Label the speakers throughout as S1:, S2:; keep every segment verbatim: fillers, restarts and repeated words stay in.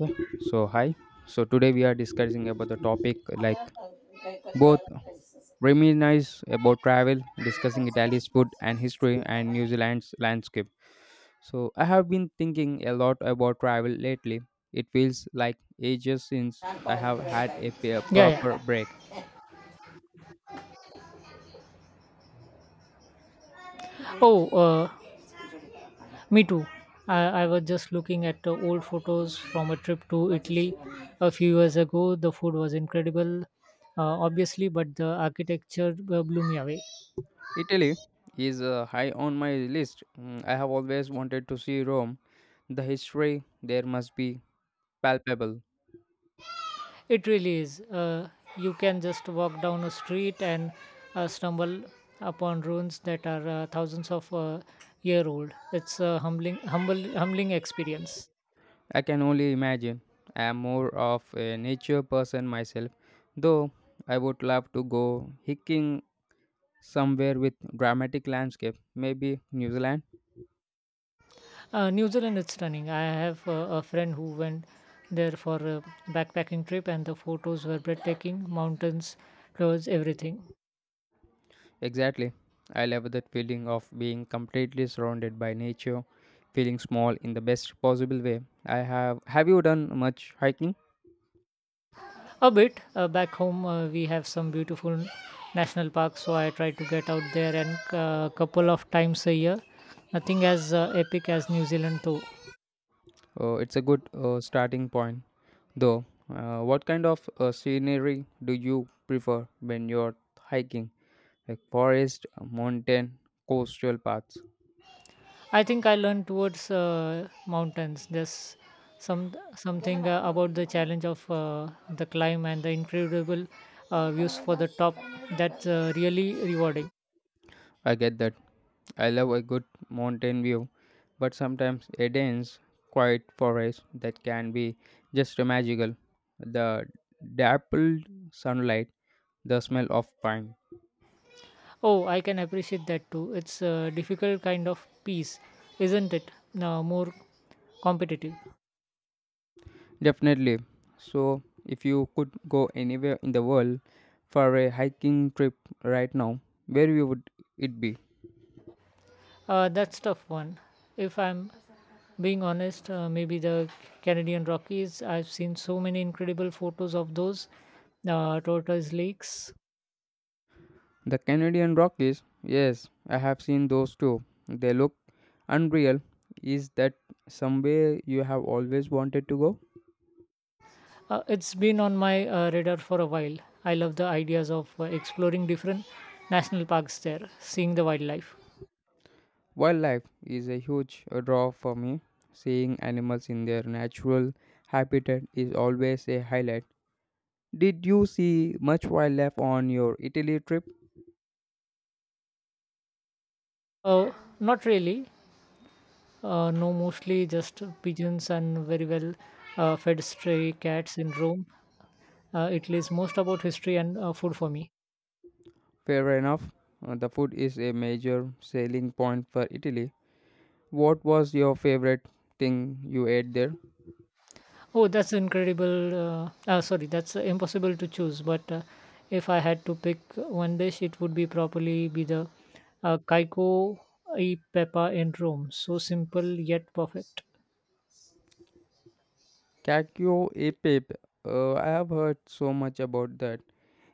S1: Okay, so hi. So today we are discussing about the topic like both reminisce about travel, discussing Italy's food and history and New Zealand's landscape. So I have been thinking a lot about travel lately. It feels like ages since I have had a, p-
S2: Yeah,
S1: proper
S2: yeah.
S1: break.
S2: Oh, uh, me too. I, I was just looking at the old photos from a trip to Italy a few years ago. The food was incredible, uh, obviously, but the architecture uh, blew me away.
S1: Italy is uh, high on my list. Mm, I have always wanted to see Rome. The history there must be palpable.
S2: It really is. Uh, you can just walk down a street and uh, stumble upon ruins that are uh, thousands of uh, year old. It's a humbling, humble, humbling experience.
S1: I can only imagine. I am more of a nature person myself, though I would love to go hiking somewhere with dramatic landscape, maybe New Zealand.
S2: Uh, New Zealand is stunning. I have uh, a friend who went there for a backpacking trip, and the photos were breathtaking. Mountains, clothes, everything.
S1: Exactly. I love that feeling of being completely surrounded by nature, feeling small in the best possible way. I have have you done much hiking?
S2: A bit uh, back home, uh, we have some beautiful national parks, so I try to get out there and a couple of times a year. Nothing as uh, epic as New Zealand, though.
S1: Uh, it's a good uh, starting point though. Uh, what kind of uh, scenery do you prefer when you're hiking? Like forest, mountain, coastal paths.
S2: I think I learned towards uh, mountains. There's some something uh, about the challenge of uh, the climb and the incredible uh, views for the top. That's uh, really rewarding.
S1: I get that. I love a good mountain view, but sometimes a dense, quiet forest that can be just magical. The dappled sunlight, the smell of pine.
S2: Oh, I can appreciate that too. It's a difficult kind of peace, isn't it? Uh, more competitive.
S1: Definitely. So, if you could go anywhere in the world for a hiking trip right now, where you would it be?
S2: Uh, that's tough one. If I'm being honest, uh, maybe the Canadian Rockies. I've seen so many incredible photos of those uh, tortoise lakes.
S1: The Canadian Rockies, yes, I have seen those too. They look unreal. Is that somewhere you have always wanted to go?
S2: Uh, it's been on my uh, radar for a while. I love the ideas of uh, exploring different national parks there, seeing the wildlife.
S1: Wildlife is a huge draw for me. Seeing animals in their natural habitat is always a highlight. Did you see much wildlife on your Italy trip?
S2: Uh, Not really. Uh, no, mostly just pigeons and very well uh, fed stray cats in Rome. Uh, it is most about history and uh, food for me.
S1: Fair enough. uh, The food is a major selling point for Italy. What was your favorite thing you ate there?
S2: Oh, that's incredible. Uh, uh, sorry, that's uh, impossible to choose. But uh, if I had to pick one dish, it would be probably be the uh, Kaiko e Peppa in Rome. So simple yet perfect.
S1: Kakyo e Pip. Uh, I have heard so much about that.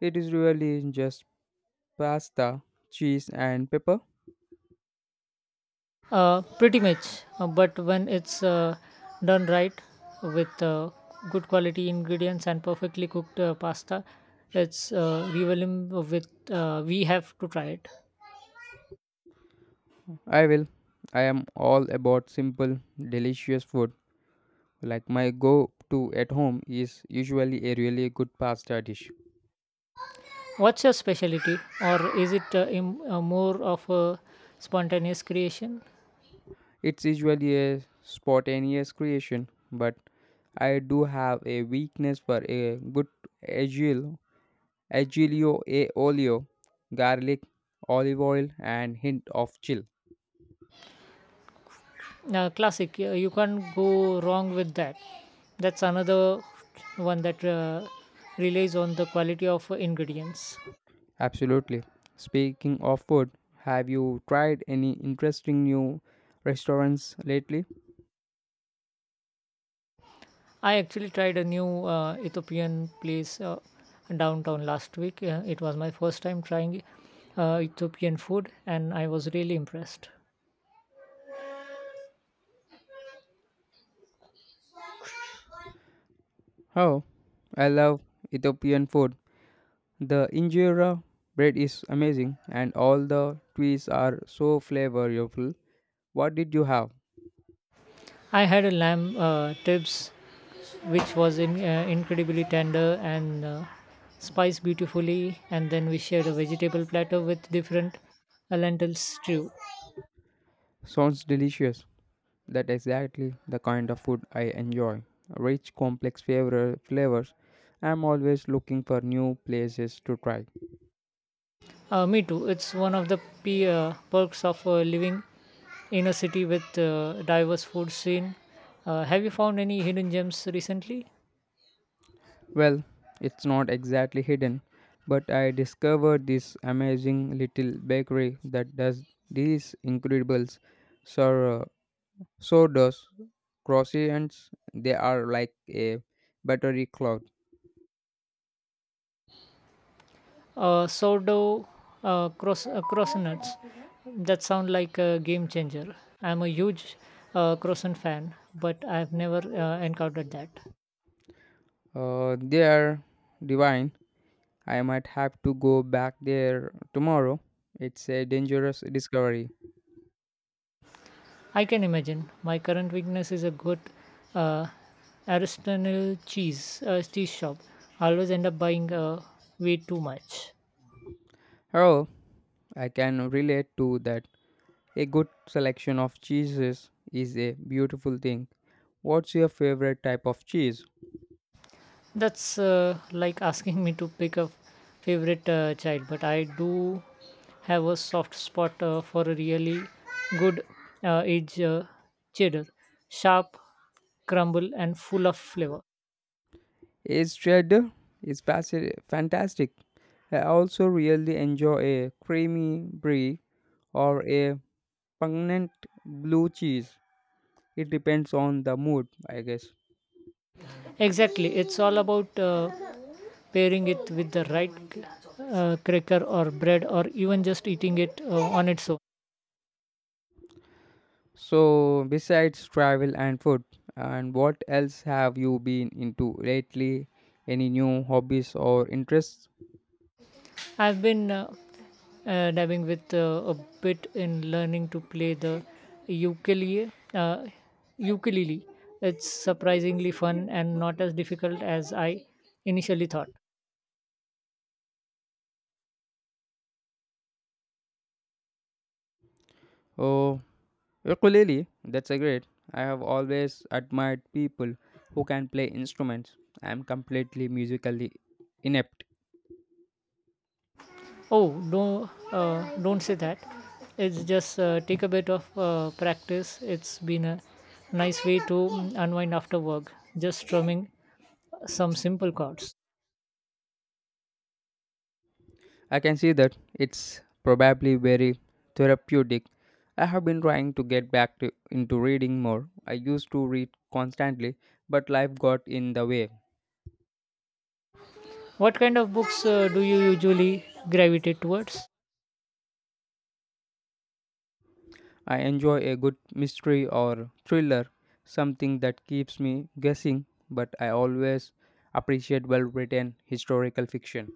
S1: It is really just pasta, cheese, and pepper.
S2: Uh, pretty much, uh, but when it's uh, done right with uh, good quality ingredients and perfectly cooked uh, pasta, it's uh, revealing with uh, we have to try it.
S1: I will. I am all about simple, delicious food. Like my go to at home is usually a really good pasta dish.
S2: What's your specialty, or is it uh, im- uh, more of a spontaneous creation?
S1: It's usually a spontaneous creation, but I do have a weakness for a good agil, agilio e olio, garlic, olive oil, and hint of chill.
S2: Uh, classic, uh, you can't go wrong with that. That's another one that uh, relies on the quality of uh, ingredients.
S1: Absolutely. Speaking of food, have you tried any interesting new restaurants lately?
S2: I actually tried a new uh, Ethiopian place uh, downtown last week. Uh, it was my first time trying uh, Ethiopian food, and I was really impressed.
S1: Oh, I love Ethiopian food. The injera bread is amazing and all the twists are so flavorful. What did you have?
S2: I had a lamb uh, ribs, which was in, uh, incredibly tender and uh, spiced beautifully, and then we shared a vegetable platter with different uh, lentil stew.
S1: Sounds delicious. That exactly the kind of food I enjoy. Rich, complex flavor flavors. I'm always looking for new places to try.
S2: Uh, me too. It's one of the p- uh, perks of uh, living in a city with uh, diverse food scene. Uh, have you found any hidden gems recently?
S1: Well, it's not exactly hidden, but I discovered this amazing little bakery that does these incredible sour, does croissants. They are like a buttery cloud.
S2: Uh, sourdough uh, cross uh, croissants. That sound like a game changer. I'm a huge uh, croissant fan, but I've never uh, encountered that.
S1: Uh, they are divine. I might have to go back there tomorrow. It's a dangerous discovery.
S2: I can imagine. My current weakness is a good uh, artisanal cheese uh, cheese shop. I always end up buying uh, way too much.
S1: Oh, I can relate to that. A good selection of cheeses is a beautiful thing. What's your favorite type of cheese?
S2: That's uh, like asking me to pick a favorite uh, child, but I do have a soft spot uh, for a really good uh, aged uh, cheddar, sharp, crumble, and full of flavor.
S1: It's cheddar. It's fasi- fantastic. I also really enjoy a creamy brie or a pungent blue cheese. It depends on the mood, I guess.
S2: Exactly, it's all about uh, pairing it with the right uh, cracker or bread, or even just eating it uh, on its own.
S1: So, besides travel and food, and what else have you been into lately? Any new hobbies or interests?
S2: I've been uh, uh, dabbing with uh, a bit in learning to play the ukulele. Uh, ukulele. It's surprisingly fun and not as difficult as I initially thought.
S1: Oh, Ukulele, that's a great. I have always admired people who can play instruments. I am completely musically inept.
S2: Oh, don't uh, don't say that. It's just uh, take a bit of uh, practice. It's been a nice way to mm, unwind after work. Just strumming some simple chords.
S1: I can see that it's probably very therapeutic. I have been trying to get back to, into reading more. I used to read constantly, but life got in the way.
S2: What kind of books uh, do you usually gravitate towards?
S1: I enjoy a good mystery or thriller, something that keeps me guessing, but I always appreciate well written historical fiction.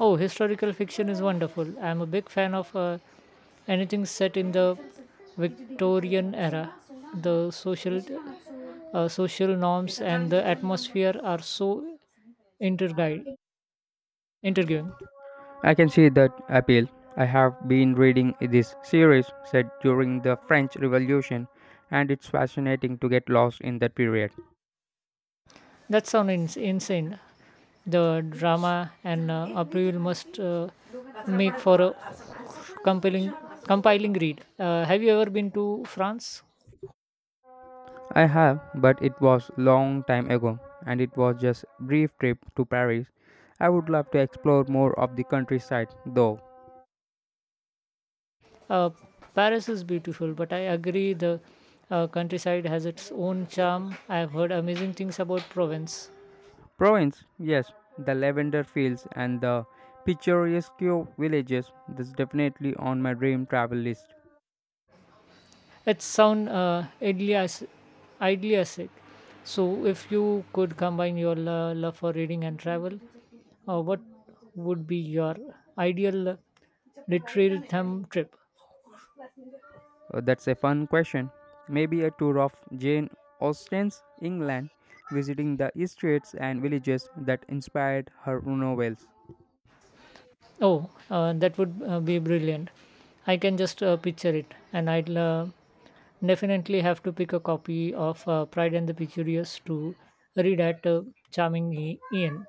S2: Oh, historical fiction is wonderful. I'm a big fan of uh, anything set in the Victorian era. The social uh, social norms and the atmosphere are so intergui- interviewing.
S1: I can see that appeal. I have been reading this series set during the French Revolution and it's fascinating to get lost in that period.
S2: That sounds in- insane. The drama and uh, approval must uh, make for a compelling, compiling read. Uh, have you ever been to France?
S1: I have, but it was long time ago and it was just brief trip to Paris. I would love to explore more of the countryside though.
S2: Uh, Paris is beautiful, but I agree the uh, countryside has its own charm. I've heard amazing things about Provence.
S1: Provence, yes, the lavender fields and the picturesque villages that's definitely on my dream travel list.
S2: It sounds uh, idly as idly asset. So, if you could combine your lo- love for reading and travel, uh, what would be your ideal literary thumb trip?
S1: Uh, that's a fun question. Maybe a tour of Jane Austen's England, visiting the streets and villages that inspired her novels.
S2: Oh, uh, that would uh, be brilliant. I can just uh, picture it, and I'll uh, definitely have to pick a copy of uh, Pride and the Curious to read at uh, Charming I- Ian.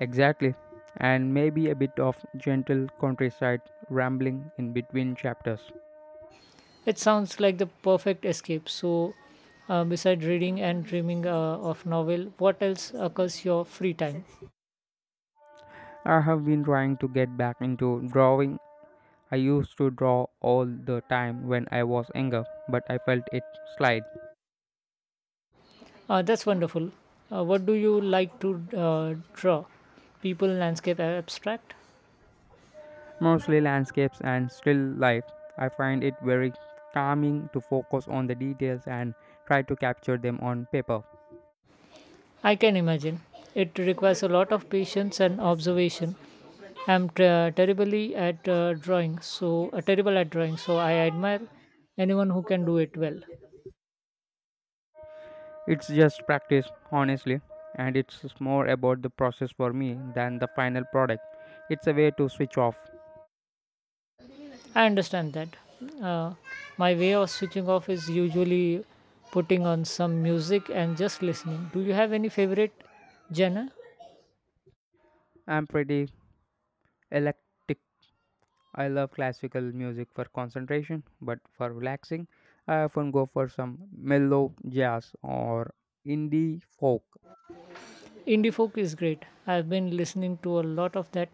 S1: Exactly. And maybe a bit of gentle countryside rambling in between chapters.
S2: It sounds like the perfect escape. So, uh, besides reading and dreaming uh, of novel, what else occurs your free time?
S1: I have been trying to get back into drawing. I used to draw all the time when I was younger, but I felt it slide.
S2: Uh, that's wonderful. Uh, what do you like to uh, draw? People, landscape, abstract?
S1: Mostly landscapes and still life. I find it very calming to focus on the details and try to capture them on paper.
S2: I can imagine. It requires a lot of patience and observation. I'm ter- terribly at uh, drawing, so uh, terrible at drawing. So I admire anyone who can do it well.
S1: It's just practice, honestly, and it's more about the process for me than the final product. It's a way to switch off.
S2: I understand that. Uh, my way of switching off is usually putting on some music and just listening. Do you have any favorite genre?
S1: I'm pretty eclectic. I love classical music for concentration, but for relaxing, I often go for some mellow jazz or indie folk.
S2: Indie folk is great. I've been listening to a lot of that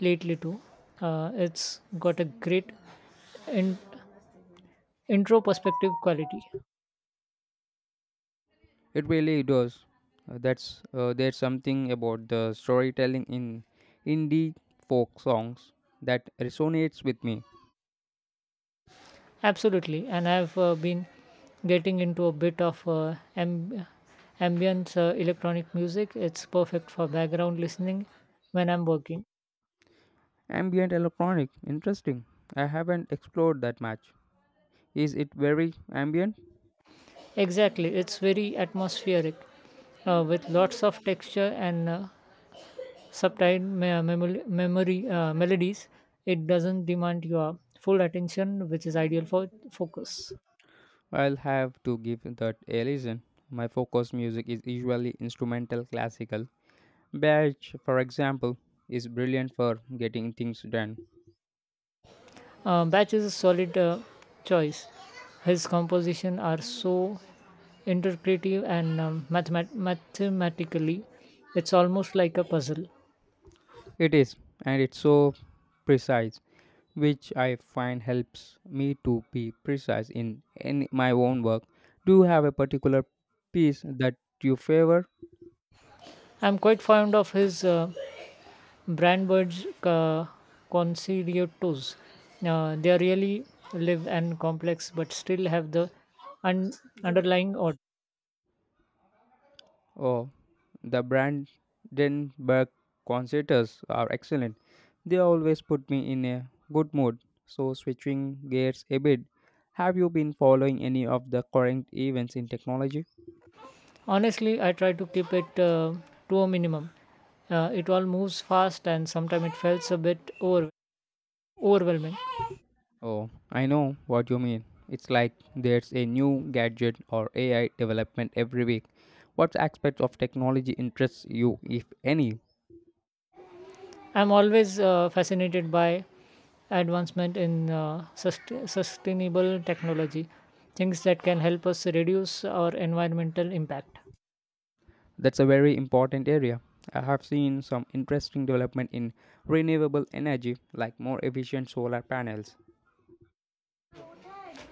S2: lately too. Uh, it's got a great in- intro perspective quality.
S1: It really does. Uh, that's uh, There's something about the storytelling in indie folk songs that resonates with me.
S2: Absolutely, and I've uh, been getting into a bit of uh, amb- ambience uh, electronic music. It's perfect for background listening when I'm working.
S1: Ambient electronic, interesting. I haven't explored that much. Is it very ambient?
S2: Exactly, it's very atmospheric uh, with lots of texture and uh, subtle me- memo- memory uh, melodies. It doesn't demand your full attention, which is ideal for focus.
S1: I'll have to give that a listen. My focus music is usually instrumental classical. Bach, for example, is brilliant for getting things done.
S2: Uh, Bach is a solid uh, choice. His compositions are so interpretive and um, mathemat- mathematically, it's almost like a puzzle.
S1: It is, and it's so precise, which I find helps me to be precise in, in my own work. Do you have a particular piece that you favor?
S2: I'm quite fond of his uh, Brandenburg uh, concertos. Uh, they are really live and complex, but still have the un- underlying order.
S1: Oh, the Brandenburg concertos are excellent. They always put me in a good mood. So, switching gears a bit, have you been following any of the current events in technology?
S2: Honestly, I try to keep it uh, to a minimum. Uh, it all moves fast, and sometimes it feels a bit over- overwhelming.
S1: Oh, I know what you mean. It's like there's a new gadget or A I development every week. What aspects of technology interests you, if any?
S2: I'm always uh, fascinated by advancement in uh, sust- sustainable technology, things that can help us reduce our environmental impact.
S1: That's a very important area. I have seen some interesting development in renewable energy, like more efficient solar panels.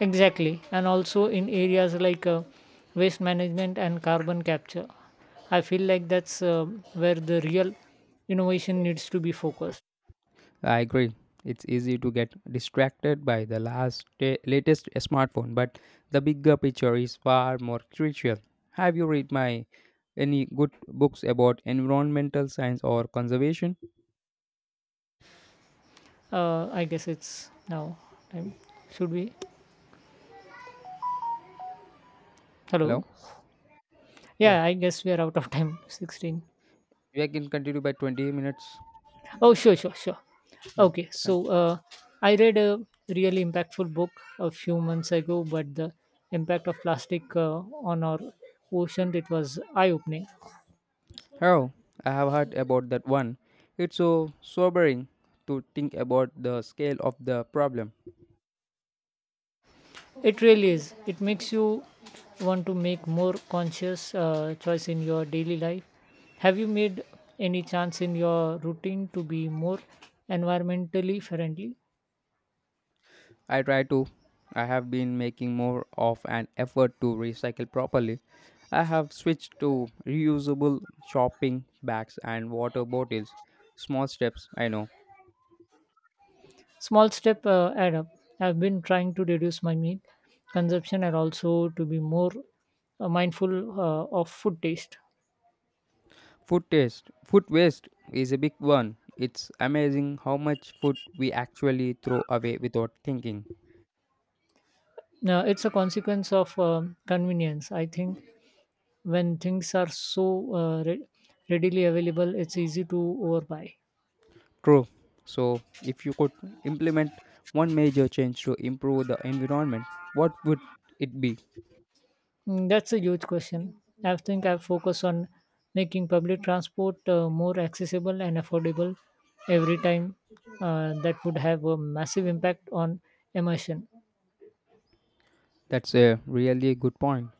S2: Exactly, and also in areas like uh, waste management and carbon capture. I feel like that's uh, where the real innovation needs to be focused.
S1: I agree. It's easy to get distracted by the last ta- latest smartphone, but the bigger picture is far more crucial. Have you read my any good books about environmental science or conservation?
S2: Uh, I guess it's now time. Should we?
S1: Hello.
S2: Hello?
S1: Yeah.
S2: Yeah, I guess we are out of time. sixteen.
S1: We can continue by twenty minutes.
S2: Oh, sure, sure, sure.
S1: Yeah.
S2: Okay, so
S1: Con-
S2: uh, I read a really impactful book a few months ago, but the impact of plastic uh, on our ocean it was eye-opening.
S1: Hello. I have heard about that one. It's so sobering to think about the scale of the problem.
S2: It really is. It makes you want to make more conscious uh, choice in your daily life. Have you made any chance in your routine to be more environmentally friendly?
S1: I try to. I have been making more of an effort to recycle properly. I have switched to reusable shopping bags and water bottles. Small steps, I know.
S2: Small step uh, add up. I've been trying to reduce my meat consumption and also to be more uh, mindful uh, of food taste.
S1: Food taste, food waste is a big one. It's amazing how much food we actually throw away without thinking.
S2: Now, it's a consequence of um convenience. I think when things are so uh, re- readily available, it's easy to overbuy.
S1: True. So, if you could implement one major change to improve the environment, what would it be?
S2: Mm, that's a huge question. I think I focus on making public transport uh, more accessible and affordable every time. Uh, that would have a massive impact on immersion.
S1: That's a really good point.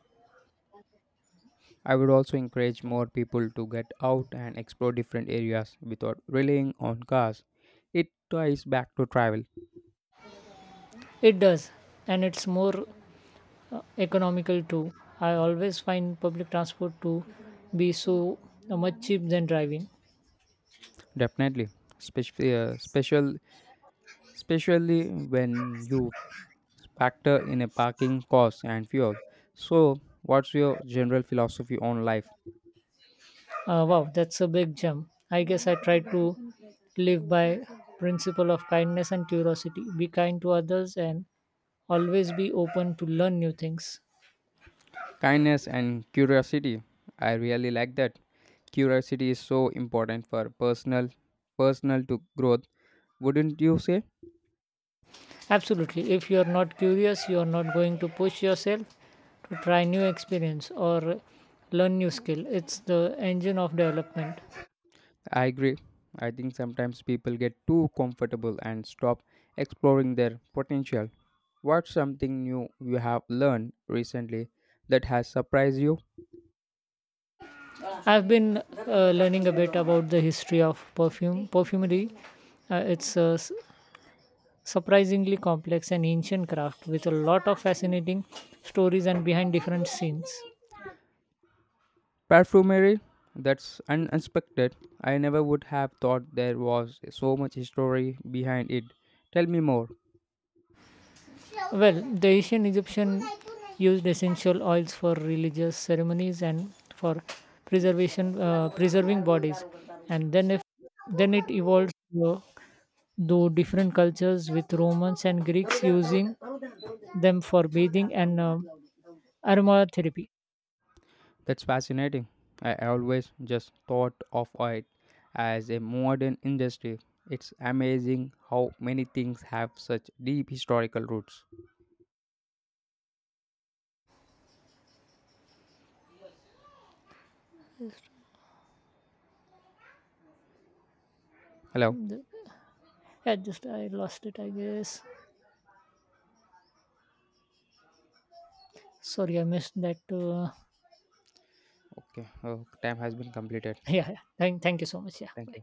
S1: I would also encourage more people to get out and explore different areas without relying on cars. It ties back to travel,
S2: It does, and it's more uh, economical too. I always find public transport to be so uh, much cheap than driving.
S1: definitely. Especially, uh, special, Especially when you factor in a parking cost and fuel. So, what's your general philosophy on life?
S2: Uh, wow, that's a big jump. I guess I try to live by principle of kindness and curiosity. Be kind to others and always be open to learn new things.
S1: Kindness and curiosity. I really like that. Curiosity is so important for personal, personal to growth. Wouldn't you say?
S2: Absolutely. If you're not curious, you're not going to push yourself to try new experience or learn new skill. It's the engine of development.
S1: I agree. I think sometimes people get too comfortable and stop exploring their potential. What's something new you have learned recently that has surprised you?
S2: I've been uh, learning a bit about the history of perfume perfumery. Uh, it's a s- surprisingly complex and ancient craft with a lot of fascinating stories and behind different scenes.
S1: Perfumery? That's unexpected. I never would have thought there was so much history behind it. Tell me more.
S2: Well, the ancient Egyptian used essential oils for religious ceremonies and for preservation uh, preserving bodies, and then if then it evolved uh, to different cultures with Romans and Greeks using them for bathing and um aromatherapy.
S1: That's fascinating. I always just thought of it as a modern industry. It's amazing how many things have such deep historical roots. Hello.
S2: Mm, the- Yeah, just I lost it, I guess. Sorry, I missed that. Uh,
S1: Okay, oh, time has been completed.
S2: yeah, yeah. Thank, thank you so much. Yeah,
S1: Thank
S2: bye.
S1: you.